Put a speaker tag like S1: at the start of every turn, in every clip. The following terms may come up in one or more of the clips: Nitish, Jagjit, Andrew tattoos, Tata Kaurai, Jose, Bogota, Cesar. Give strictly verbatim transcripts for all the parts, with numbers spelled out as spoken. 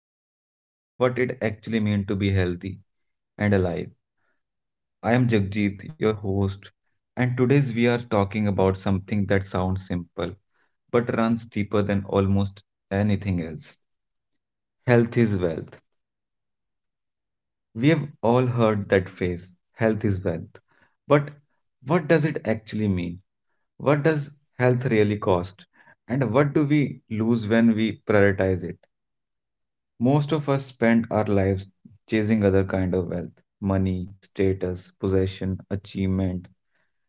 S1: we explore what it actually means to be healthy and alive. I am Jagjit, your host, and today's we are talking about something that sounds simple but runs deeper than almost anything else. Health is wealth. We have all heard that phrase, health is wealth. But what does it actually mean? What does health really cost? And what do we lose when we prioritize it? Most of us spend our lives chasing other kind of wealth, money, status, possession, achievement.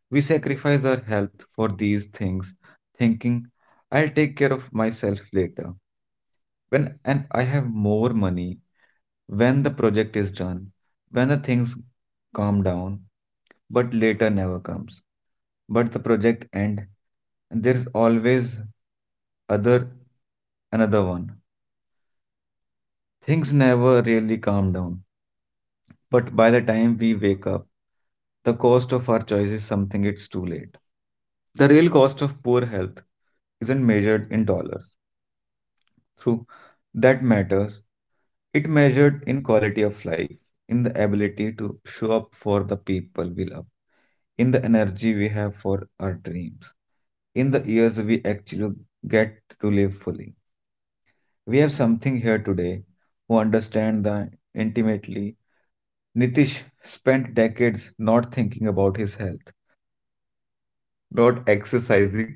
S1: We sacrifice our health for these things, thinking, I'll take care of myself later. When and I have more money, when the project is done, when the things calm down, but later never comes. But the project end, and there's always other another one. Things never really calm down. But by the time we wake up, the cost of our choice is something it's too late. The real cost of poor health isn't measured in dollars. Through that matters, it measured in quality of life, in the ability to show up for the people we love, in the energy we have for our dreams, in the years we actually get to live fully. We have something here today who understand that intimately. Nitish spent decades not thinking about his health, not exercising,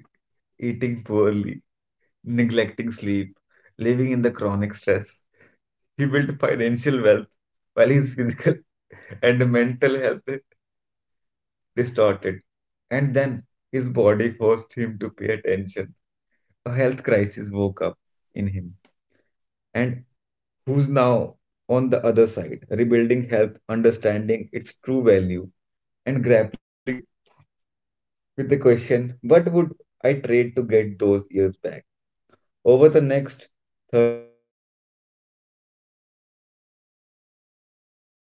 S1: eating poorly, neglecting sleep, living in the chronic stress. He built financial wealth while his physical and mental health distorted. And then his body forced him to pay attention. A health crisis woke up in him. And who's now on the other side, rebuilding health, understanding its true value, and grappling with with the question, what would I trade to get those years back? Over the next thirty minutes, we are going to explore what health really means.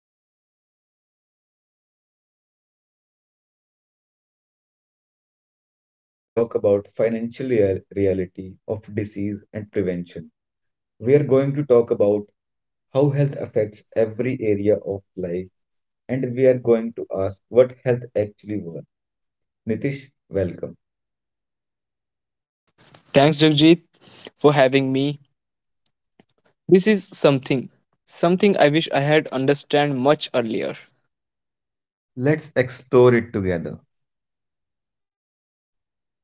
S1: We are going to talk about what it costs to ignore it. We are going to talk about financial rea- reality of disease and prevention. We are going to talk about how health affects every area of life, and we are going to ask what health actually was. Nitish, welcome.
S2: Thanks, Jagjit, for having me. This is something, something I wish I had understand much earlier.
S1: Let's explore it together.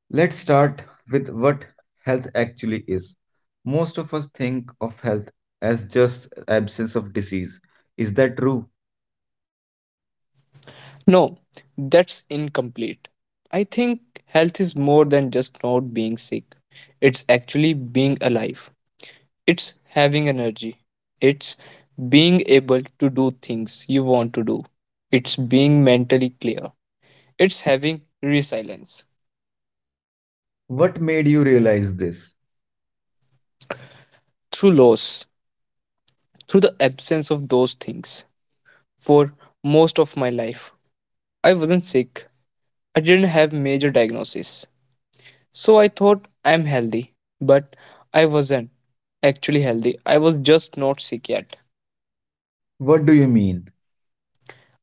S1: Let's start with what health actually is. Most of us think of health as just absence of disease. Is that true?
S2: No, that's incomplete. I think health is more than just not being sick. It's actually being alive. It's having energy. It's being able to do things you want to do. It's being mentally clear. It's having resilience
S1: What made you realize this?
S2: through loss, through the absence of those things. For most of my life, I wasn't sick. I didn't have major diagnosis. So I thought I'm healthy, but I wasn't actually healthy. I was just not sick yet.
S1: What do you mean?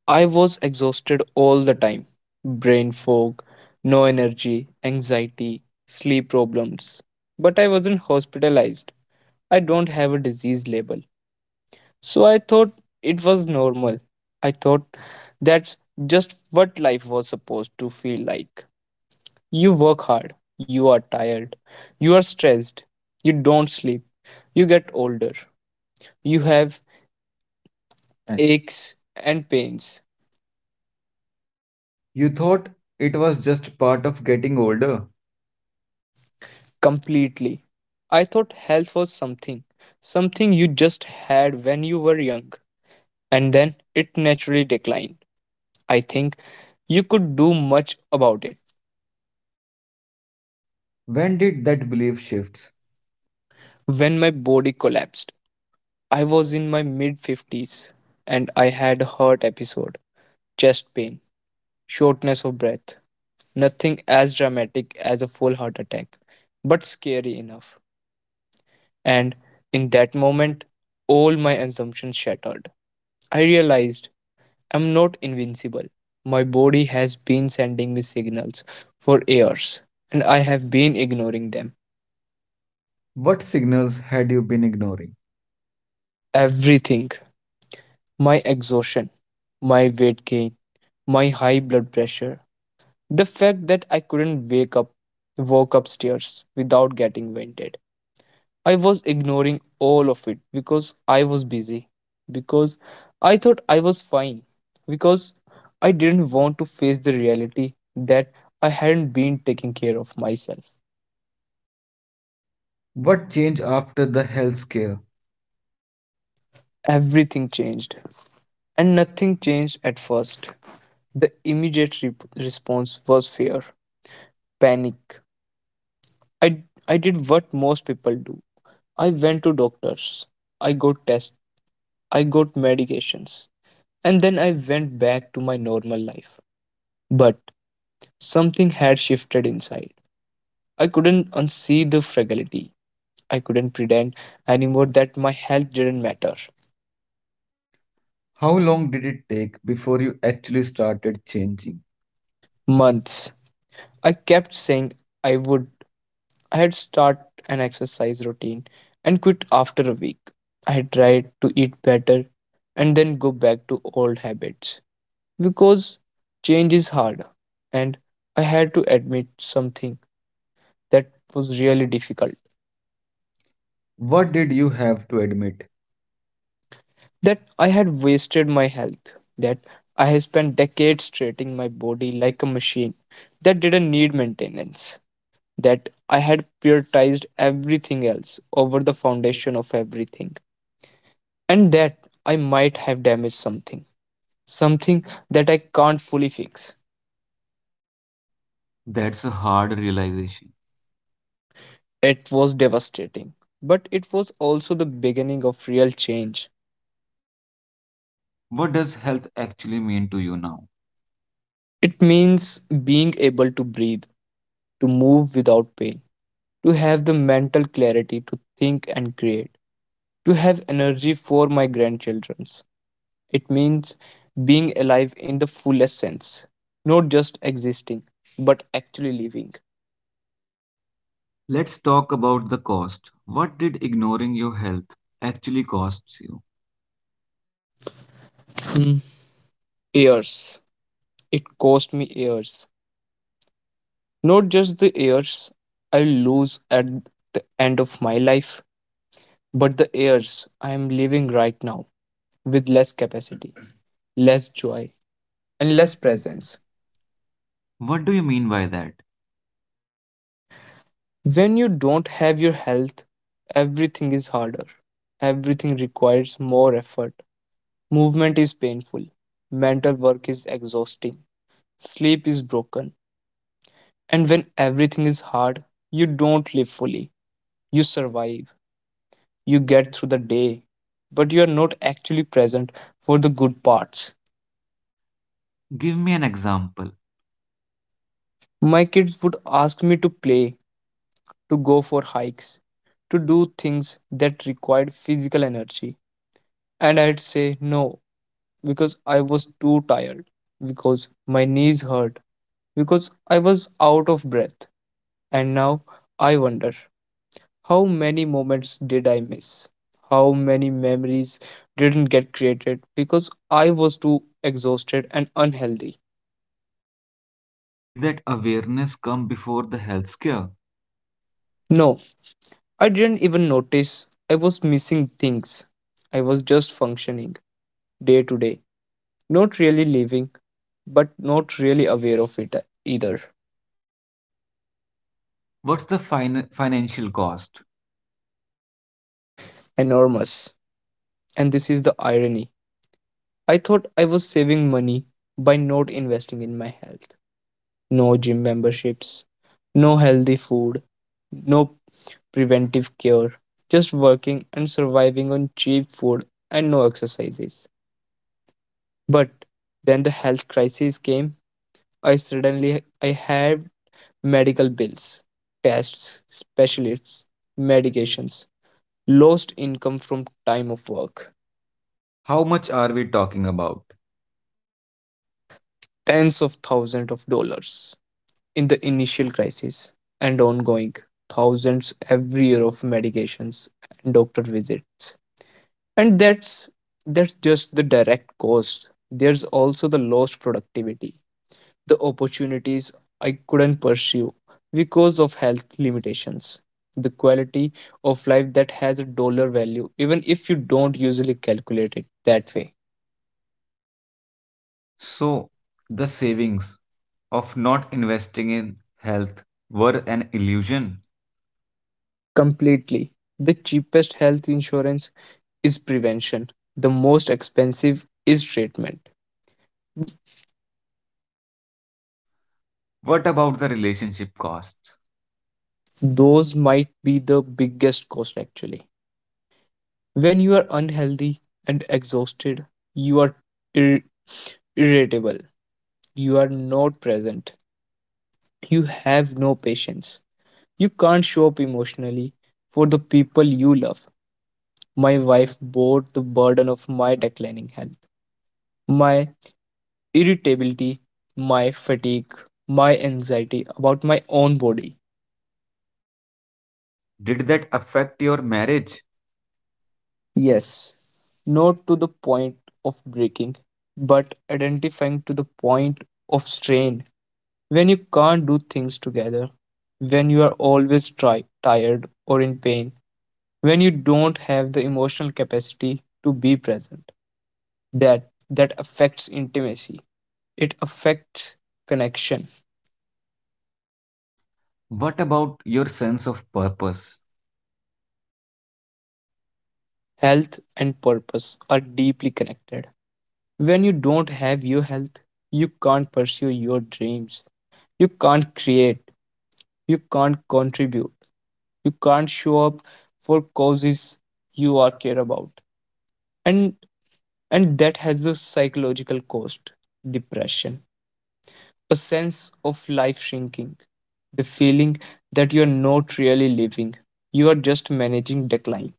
S2: I was exhausted all the time. Brain fog, no energy, anxiety, sleep problems. But I wasn't hospitalized. I don't have a disease label. So I thought it was normal. I thought that's just what life was supposed to feel like. You work hard, you are tired, you are stressed, you don't sleep, you get older, you have Mm. aches and pains
S1: You thought it was just part of getting older?
S2: completely. I thought health was something, something you just had when you were young, and then it naturally declined. I think you could do much about it.
S1: When did that belief shift?
S2: When my body collapsed, I was in my mid fifties and I had a heart episode, chest pain, shortness of breath, nothing as dramatic as a full heart attack, but scary enough. And in that moment, all my assumptions shattered. I realized I'm not invincible. My body has been sending me signals for years, and I have been ignoring them.
S1: What signals had you been ignoring?
S2: Everything my exhaustion, my weight gain, my high blood pressure, the fact that I couldn't wake up, walk upstairs without getting winded. I was ignoring all of it because I was busy, because I thought I was fine, because I didn't want to face the reality that I hadn't been taking care of myself.
S1: What changed after the health scare?
S2: Everything changed, and nothing changed at first. The immediate re- response was fear, panic. I, I did what most people do. I went to doctors. I got tests. I got medications. And then I went back to my normal life. But something had shifted inside. I couldn't unsee the fragility. I couldn't pretend anymore that my health didn't matter.
S1: How long did it take before you actually started changing?
S2: Months. I kept saying I would. I had start an exercise routine and quit after a week. I had tried to eat better and then go back to old habits because change is hard and I had to admit something that was really difficult.
S1: What did you have to admit?
S2: That I had wasted my health, that I had spent decades treating my body like a machine that didn't need maintenance, that I had prioritized everything else over the foundation of everything, and that I might have damaged something, something that I can't fully fix.
S1: That's a hard realization.
S2: It was devastating, but it was also the beginning of real change.
S1: What does health actually mean to you now?
S2: It means being able to breathe, to move without pain to have the mental clarity to think and create, to have energy for my grandchildrens. It means being alive in the fullest sense, not just existing, but actually living.
S1: Let's talk about the cost. What did ignoring your health actually costs you?
S2: Hmm. Years. It cost me years. Not just the years I lose at the end of my life, but the years I am living right now with less capacity, less joy,
S1: And
S2: and
S1: less
S2: less
S1: presence.
S2: presence.
S1: What do you mean by that?
S2: When you don't have your health, everything is harder. Everything requires more effort. Movement is painful. Mental work is exhausting. Sleep is broken. And when everything is hard, you don't live fully. You survive. You get through the day. But you are not actually present for the good parts.
S1: Give me an example.
S2: My kids would ask me to play, to go for hikes, to do things that required physical energy. And I'd say no, because I was too tired, because my knees hurt, because I was out of breath. And now I wonder, how many moments did I miss? How many memories didn't get created because I was too exhausted and unhealthy?
S1: Did that awareness come before the health scare?
S2: No, I didn't even notice I was missing things. I was just functioning day to day, not really living, but not really aware of it either.
S1: What's the fin- financial cost?
S2: Enormous. And this is the irony. I thought I was saving money by not investing in my health. No gym memberships, no healthy food, no preventive care, just working and surviving on cheap food and no exercises. But then the health crisis came. I suddenly I had medical bills, tests, specialists, medications, lost income from time of work,
S1: How much are we talking about?
S2: tens of thousands of dollars. In the initial crisis and ongoing thousands every year of medications and doctor visits, and that's that's just the direct cost. There's also the lost productivity, the opportunities I couldn't pursue because of health limitations, the quality of life that has a dollar value even if you don't usually calculate it that way.
S1: So, the savings of not investing in health were an illusion.
S2: Completely. The cheapest health insurance is prevention, the most expensive is treatment.
S1: What about the relationship costs?
S2: Those might be the biggest cost actually. When you are unhealthy and exhausted, you are ir- irritable, you are not present, you have no patience. You can't show up emotionally for the people you love. My wife bore the burden of my declining health. My irritability, my fatigue, my anxiety about my own body.
S1: Did that affect your marriage?
S2: Yes, not to the point of breaking, but identifying to the point of strain. When you can't do things together, when you are always try, tired or in pain, when you don't have the emotional capacity to be present, that that affects intimacy. It affects connection.
S1: What about your sense of purpose?
S2: Health and purpose are deeply connected. When you don't have your health, you can't pursue your dreams. You can't create. You can't contribute. You can't show up for causes you are care about. And and that has a psychological cost. Depression. A sense of life shrinking. The feeling that you're not really living. You are just managing decline.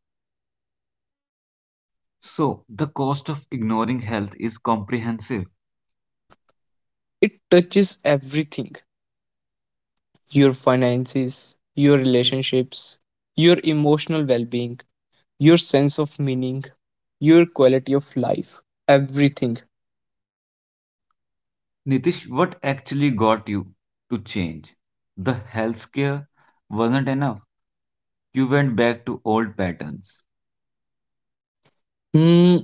S1: So, the cost of ignoring health is comprehensive.
S2: It touches everything. Your finances, your relationships, your emotional well being, your sense of meaning, your quality of life, everything.
S1: Nitish, what actually got you to change? The health scare wasn't enough. You went back to old patterns.
S2: Hmm,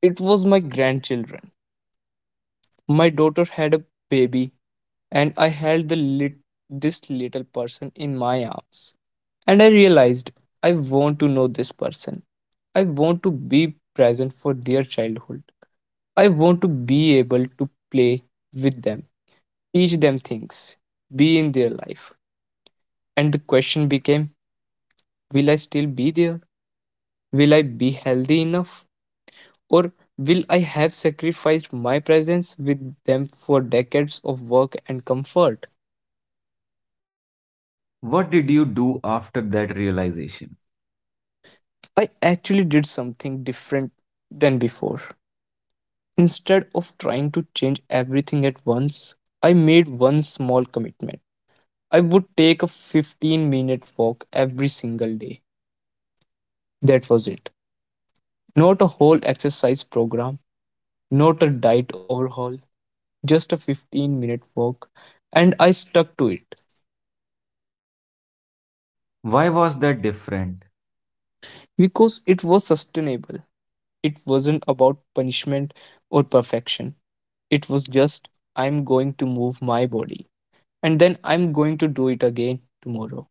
S2: it was my grandchildren. My daughter had a baby, and I held the lit- this little person in my arms. And I realized I want to know this person. I want to be present for their childhood. I want to be able to play with them, teach them things, be in their life. And the question became, will I still be there? Will I be healthy enough? Or will I have sacrificed my presence with them for decades of work and comfort?
S1: What did you do after that realization?
S2: I actually did something different than before. Instead of trying to change everything at once, I made one small commitment. I would take a fifteen minute walk every single day. That was it. Not a whole exercise program, not a diet overhaul, just a fifteen minute walk. And I stuck to it.
S1: Why was that different?
S2: Because it was sustainable. It wasn't about punishment or perfection. It was just, I'm going to move my body. And then I'm going to do it again tomorrow.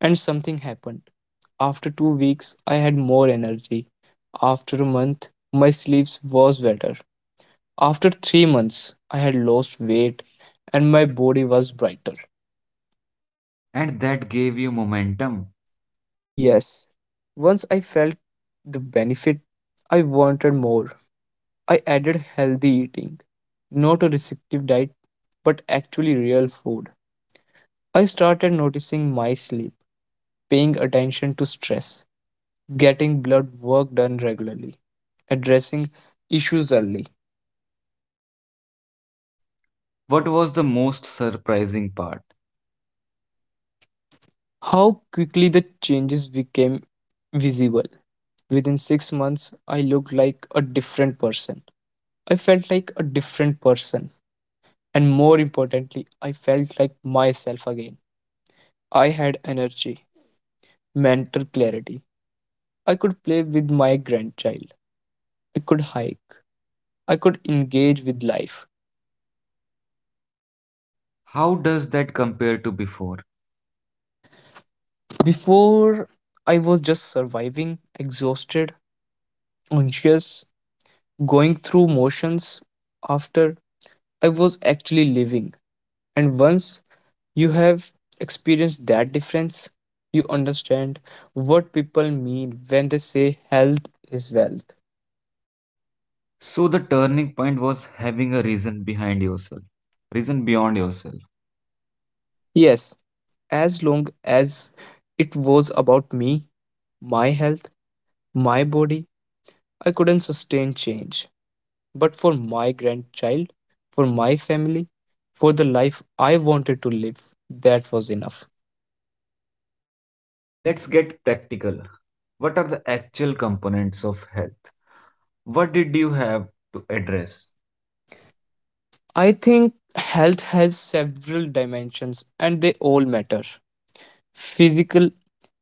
S2: And something happened. After two weeks, I had more energy. After a month, my sleep was better. After three months, I had lost weight and my body was brighter.
S1: And that gave you momentum.
S2: Yes, once I felt the benefit, I wanted more. I added healthy eating, not a restrictive diet, but actually real food. I started noticing my sleep, paying attention to stress, getting blood work done regularly, addressing issues early.
S1: What was the most surprising part?
S2: How quickly the changes became visible. Within six months, I looked like a different person. I felt like a different person. And more importantly, I felt like myself again. I had energy, mental clarity, I could play with my grandchild. I could hike. I could engage with life.
S1: How does that compare to before?
S2: Before, I was just surviving, exhausted, anxious, going through motions. After, I was actually living. And once you have experienced that difference, you understand what people mean when they say health is wealth.
S1: So the turning point was having a reason behind yourself, reason beyond yourself.
S2: Yes, as long as it was about me, my health, my body, I couldn't sustain change. But for my grandchild, for my family, for the life I wanted to live, that was enough.
S1: Let's get practical. What are the actual components of health? What did you have to address?
S2: I think health has several dimensions and they all matter. Physical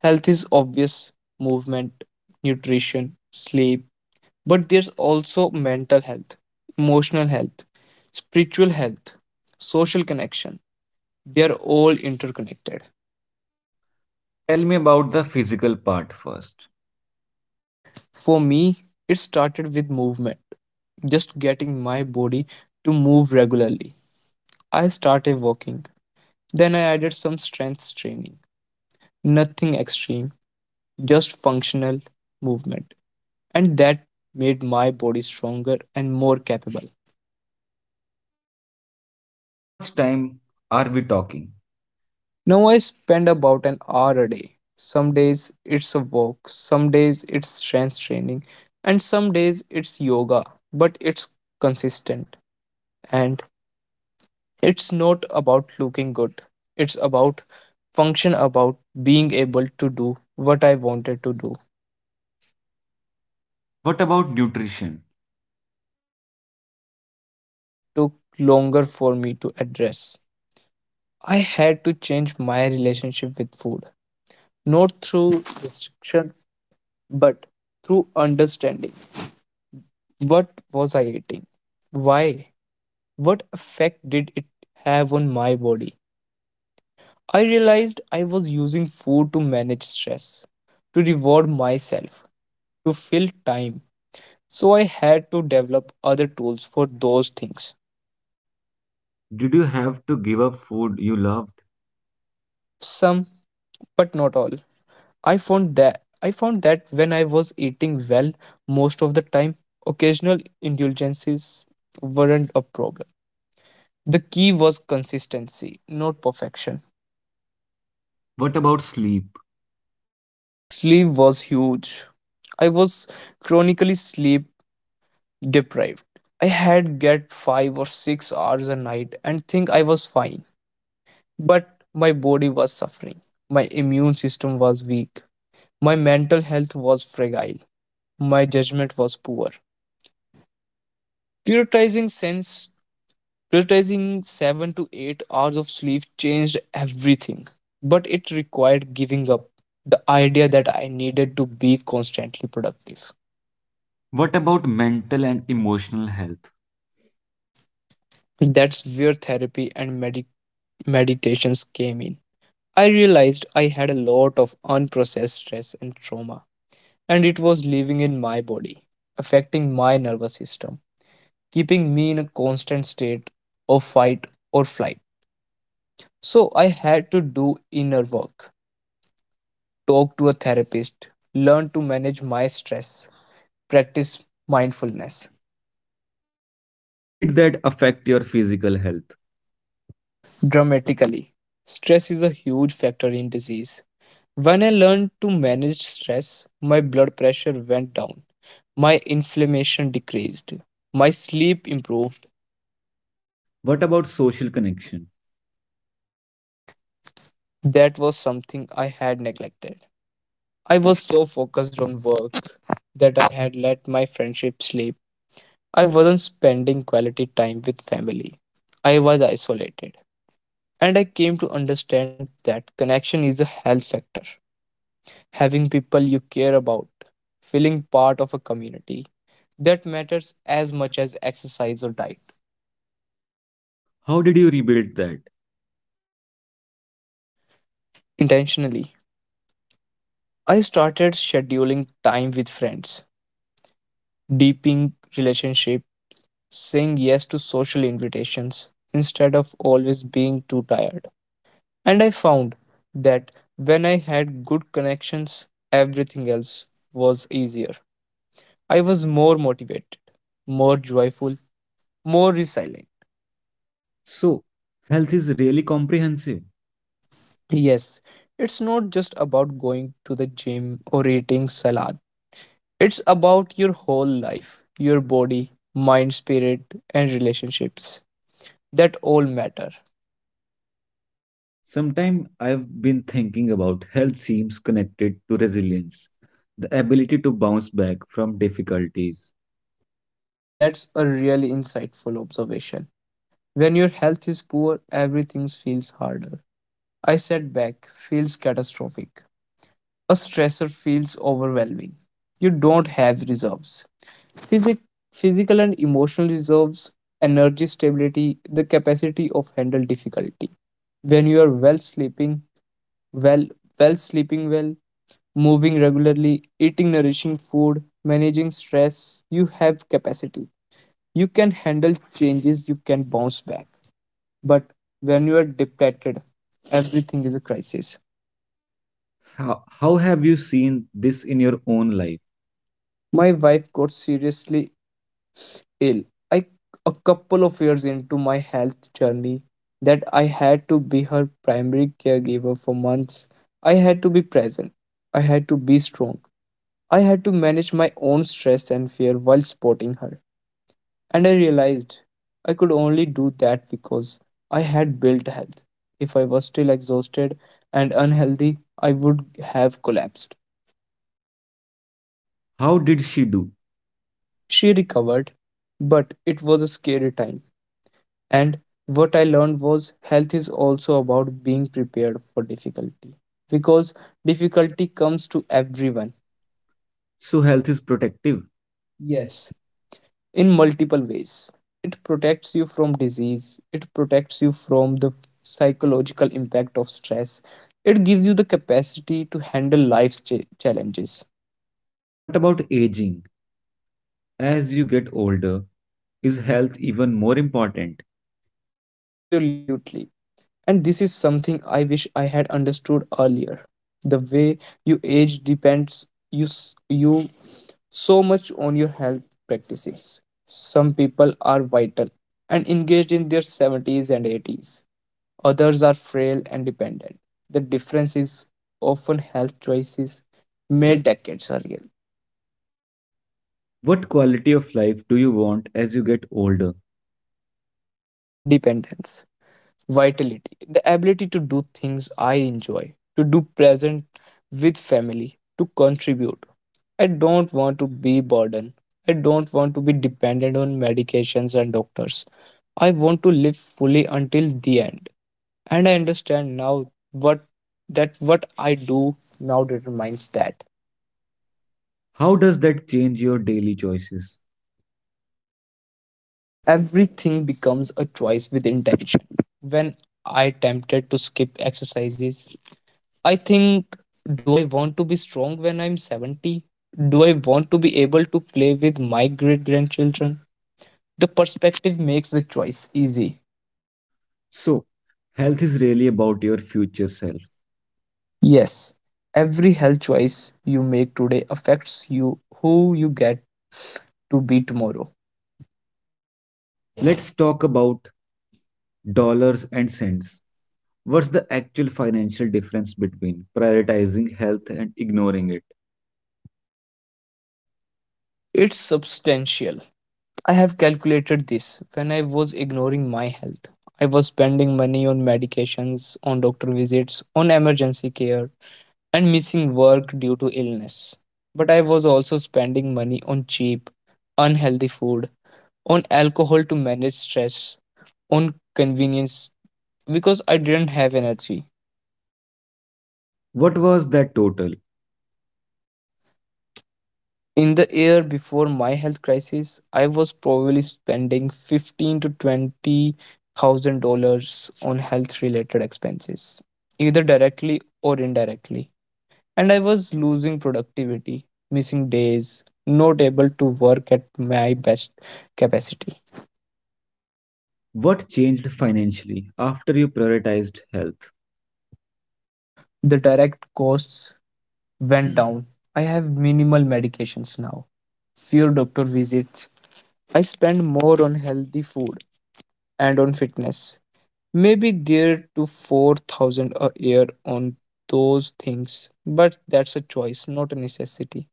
S2: health is obvious movement, nutrition, sleep, but there's also mental health, emotional health, spiritual health, social connection. They are all interconnected.
S1: Tell me about the physical part first.
S2: For me, it started with movement. Just getting my body to move regularly. I started walking. Then I added some strength training. Nothing extreme, just functional movement. And that made my body stronger and more capable.
S1: How much time are we talking?
S2: Now I spend about an hour a day. Some days it's a walk, some days it's strength training, and some days it's yoga, but it's consistent and it's not about looking good. It's about function, about being able to do what I wanted to do.
S1: What about nutrition?
S2: That took longer for me to address. I had to change my relationship with food, not through restriction, but through understanding. What was I eating? Why? What effect did it have on my body? I realized I was using food to manage stress, to reward myself, to fill time, so I had to develop other tools for those things.
S1: Did you have to give up food you loved?
S2: Some, but not all. I found that I found that when I was eating well most of the time, occasional indulgences weren't a problem. The key was consistency, not perfection.
S1: What about sleep?
S2: Sleep was huge. I was chronically sleep deprived. I had get five or six hours a night and think I was fine, but my body was suffering. My immune system was weak. My mental health was fragile. My judgment was poor. Prioritizing sense prioritizing seven to eight hours of sleep changed everything, but it required giving up the idea that I needed to be constantly productive.
S1: What about mental and emotional health?
S2: That's where therapy and medi- meditations came in. I realized I had a lot of unprocessed stress and trauma, and it was living in my body, affecting my nervous system, keeping me in a constant state of fight or flight. So I had to do inner work, talk to a therapist, learn to manage my stress, practice mindfulness.
S1: How did that affect your physical health?
S2: Dramatically, stress is a huge factor in disease. When I learned to manage stress, my blood pressure went down, my inflammation decreased, my sleep improved.
S1: What about social connection?
S2: That was something I had neglected. I was so focused on work that I had let my friendship slip. I wasn't spending quality time with family. I was isolated. And I came to understand that connection is a health factor. Having people you care about, feeling part of a community, that matters as much as exercise or diet.
S1: How did you rebuild that?
S2: Intentionally, I started scheduling time with friends, deepening relationship saying yes to social invitations instead of always being too tired. And I found that when I had good connections, everything else was easier. I was more motivated, more joyful, more resilient.
S1: So, health is really comprehensive.
S2: Yes, it's not just about going to the gym or eating salad. It's about your whole life, your body, mind, spirit, and relationships that all matter.
S1: Sometimes I've been thinking about health seems connected to resilience, the ability to bounce back from difficulties.
S2: That's a really insightful observation. When your health is poor, everything feels harder. A setback feels catastrophic. A stressor feels overwhelming. You don't have reserves. Physic- physical and emotional reserves, energy stability, the capacity of handle difficulty. When you are well sleeping, well, well sleeping well, moving regularly, eating nourishing food, managing stress, you have capacity. You can handle changes, you can bounce back. But when you are depleted, everything is a crisis.
S1: How, how have you seen this in your own life?
S2: My wife got seriously ill. I a couple of years into my health journey that I had to be her primary caregiver for months. I had to be present. I had to be strong. I had to manage my own stress and fear while supporting her. And I realized I could only do that because I had built health. If I was still exhausted and unhealthy, I would have collapsed.
S1: How did she do?
S2: She recovered, but it was a scary time. And what I learned was health is also about being prepared for difficulty because difficulty comes to everyone.
S1: So, health is protective.
S2: Yes,
S1: Yes.
S2: in multiple ways. It protects you from disease, it protects you from the psychological impact of stress, it gives you the capacity to handle life's cha- challenges.
S1: What about aging? As you get older, is health even more important?
S2: Absolutely. And this is something I wish I had understood earlier. The way you age depends you you so much on your health practices. Some people are vital and engaged in their seventies and eighties. Others are frail and dependent. The difference is often health choices made decades earlier.
S1: What quality of life do you want as you get older?
S2: Independence. Vitality, the ability to do things I enjoy, to do present with family, to contribute. I don't want to be burden. I don't want to be dependent on medications and doctors. I want to live fully until the end. And I understand now what that what I do now determines that.
S1: How does that change your daily choices?
S2: Ev- everything becomes a choice with intention. When I tempted to skip exercises, I think, do I want to be strong when I'm seventy? Do I want to be able to play with my great grandchildren? The perspective makes the choice easy.
S1: So, health is really about your future self.
S2: Yes, every health choice you make today affects you who you get to be tomorrow.
S1: Let's talk about dollars and cents. What's the actual financial difference between prioritizing health and ignoring it?
S2: It's substantial. I have calculated this when I was ignoring my health. I was spending money on medications, on doctor visits, on emergency care, and missing work due to illness. But I was also spending money on cheap, unhealthy food, on alcohol to manage stress, on convenience because I didn't have energy.
S1: What was that total?
S2: In the year before my health crisis, I was probably spending fifteen to twenty thousand dollars on health related expenses, either directly or indirectly, and I was losing productivity, missing days, not able to work at my best capacity.
S1: What changed financially after you prioritized health?
S2: The direct costs went down. I have minimal medications now, fewer doctor visits. I spend more on healthy food and on fitness. Maybe there to four thousand a year on those things, but that's a choice, not a necessity.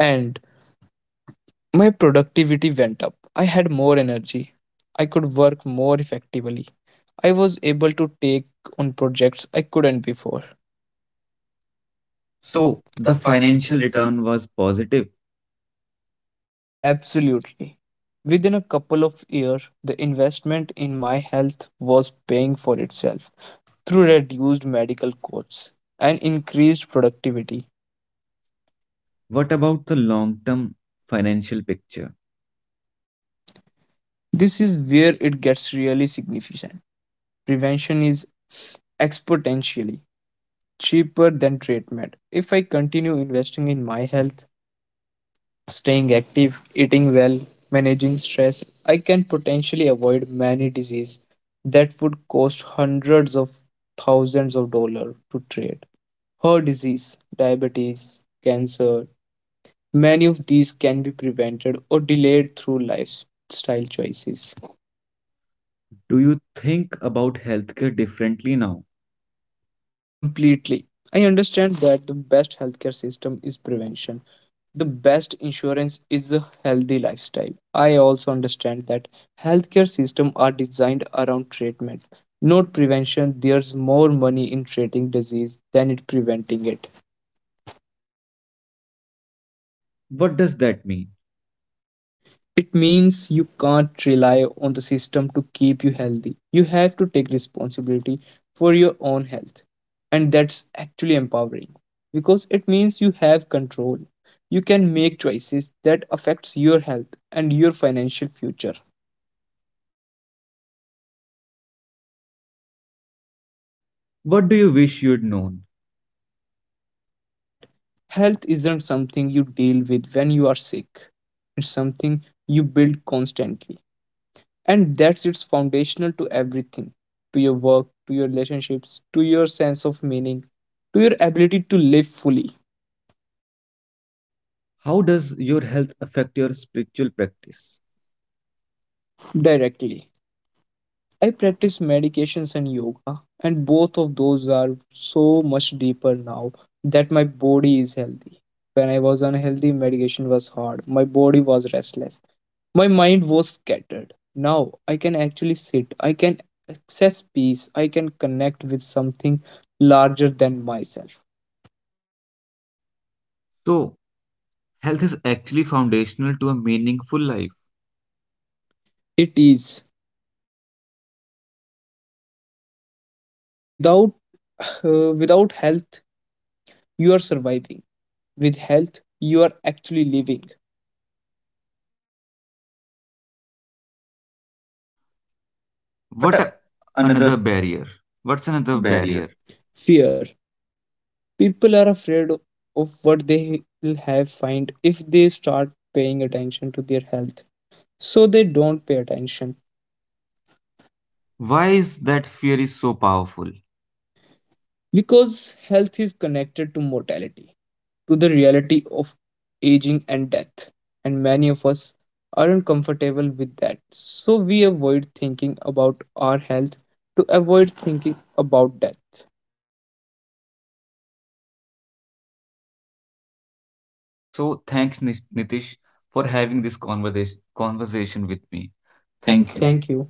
S2: And my productivity went up. I had more energy. I could work more effectively. I was able to take on projects I couldn't before. So,
S1: So,
S2: the
S1: the
S2: financial
S1: financial
S2: return.
S1: return was positive.
S2: Absolutely. Within a couple of years, the investment in my health was paying for itself through reduced medical costs and increased productivity.
S1: What about the long term financial picture?
S2: This is where it gets really significant. Prevention is exponentially cheaper than treatment. If I continue investing in my health, staying active, eating well, managing stress, I can potentially avoid many diseases that would cost hundreds of thousands of dollars to treat. Heart disease, diabetes, cancer, many of these can be prevented or delayed through lifestyle choices.
S1: Do you think about healthcare differently now?
S2: Completely. I understand that the best healthcare system is prevention, the best insurance is a healthy lifestyle. I also understand that healthcare systems are designed around treatment, not prevention. There's more money in treating disease than in preventing it.
S1: What does that mean?
S2: It means you can't rely on the system to keep you healthy. You have to take responsibility for your own health, and that's actually empowering because it means you have control. You can make choices that affects your health and your financial future.
S1: What do you wish you'd known?
S2: That health isn't something you deal with when you are sick. It's something you build constantly. And that's it's foundational to everything, to your work, to your relationships, to your sense of meaning, to your ability to live fully,
S1: How does your health affect your spiritual practice?
S2: directly. I practice meditations and yoga, and both of those are so much deeper now that my body is healthy. When I was unhealthy, meditation was hard. My body was restless. My mind was scattered. Now I can actually sit. I can access peace. I can connect with something larger than myself.
S1: So, health is actually foundational to a meaningful life.
S2: It is without uh, without health you are surviving. With health you are actually living. What
S1: What
S2: a,
S1: a-
S2: another
S1: another barrier? What's
S2: The
S1: another
S2: barrier.
S1: barrier?
S2: Fear, people are afraid o- of what they will have find if they start paying attention to their health, so they don't pay attention
S1: Why is that fear is so powerful?
S2: because health is connected to mortality, to the reality of aging and death, and many of us aren't comfortable with that, so we avoid thinking about our health to avoid thinking about death.
S1: So, thanks Nish- Nitish for having this conversation conversation with me.
S2: Thank
S1: Thank
S2: you. thank you
S1: you.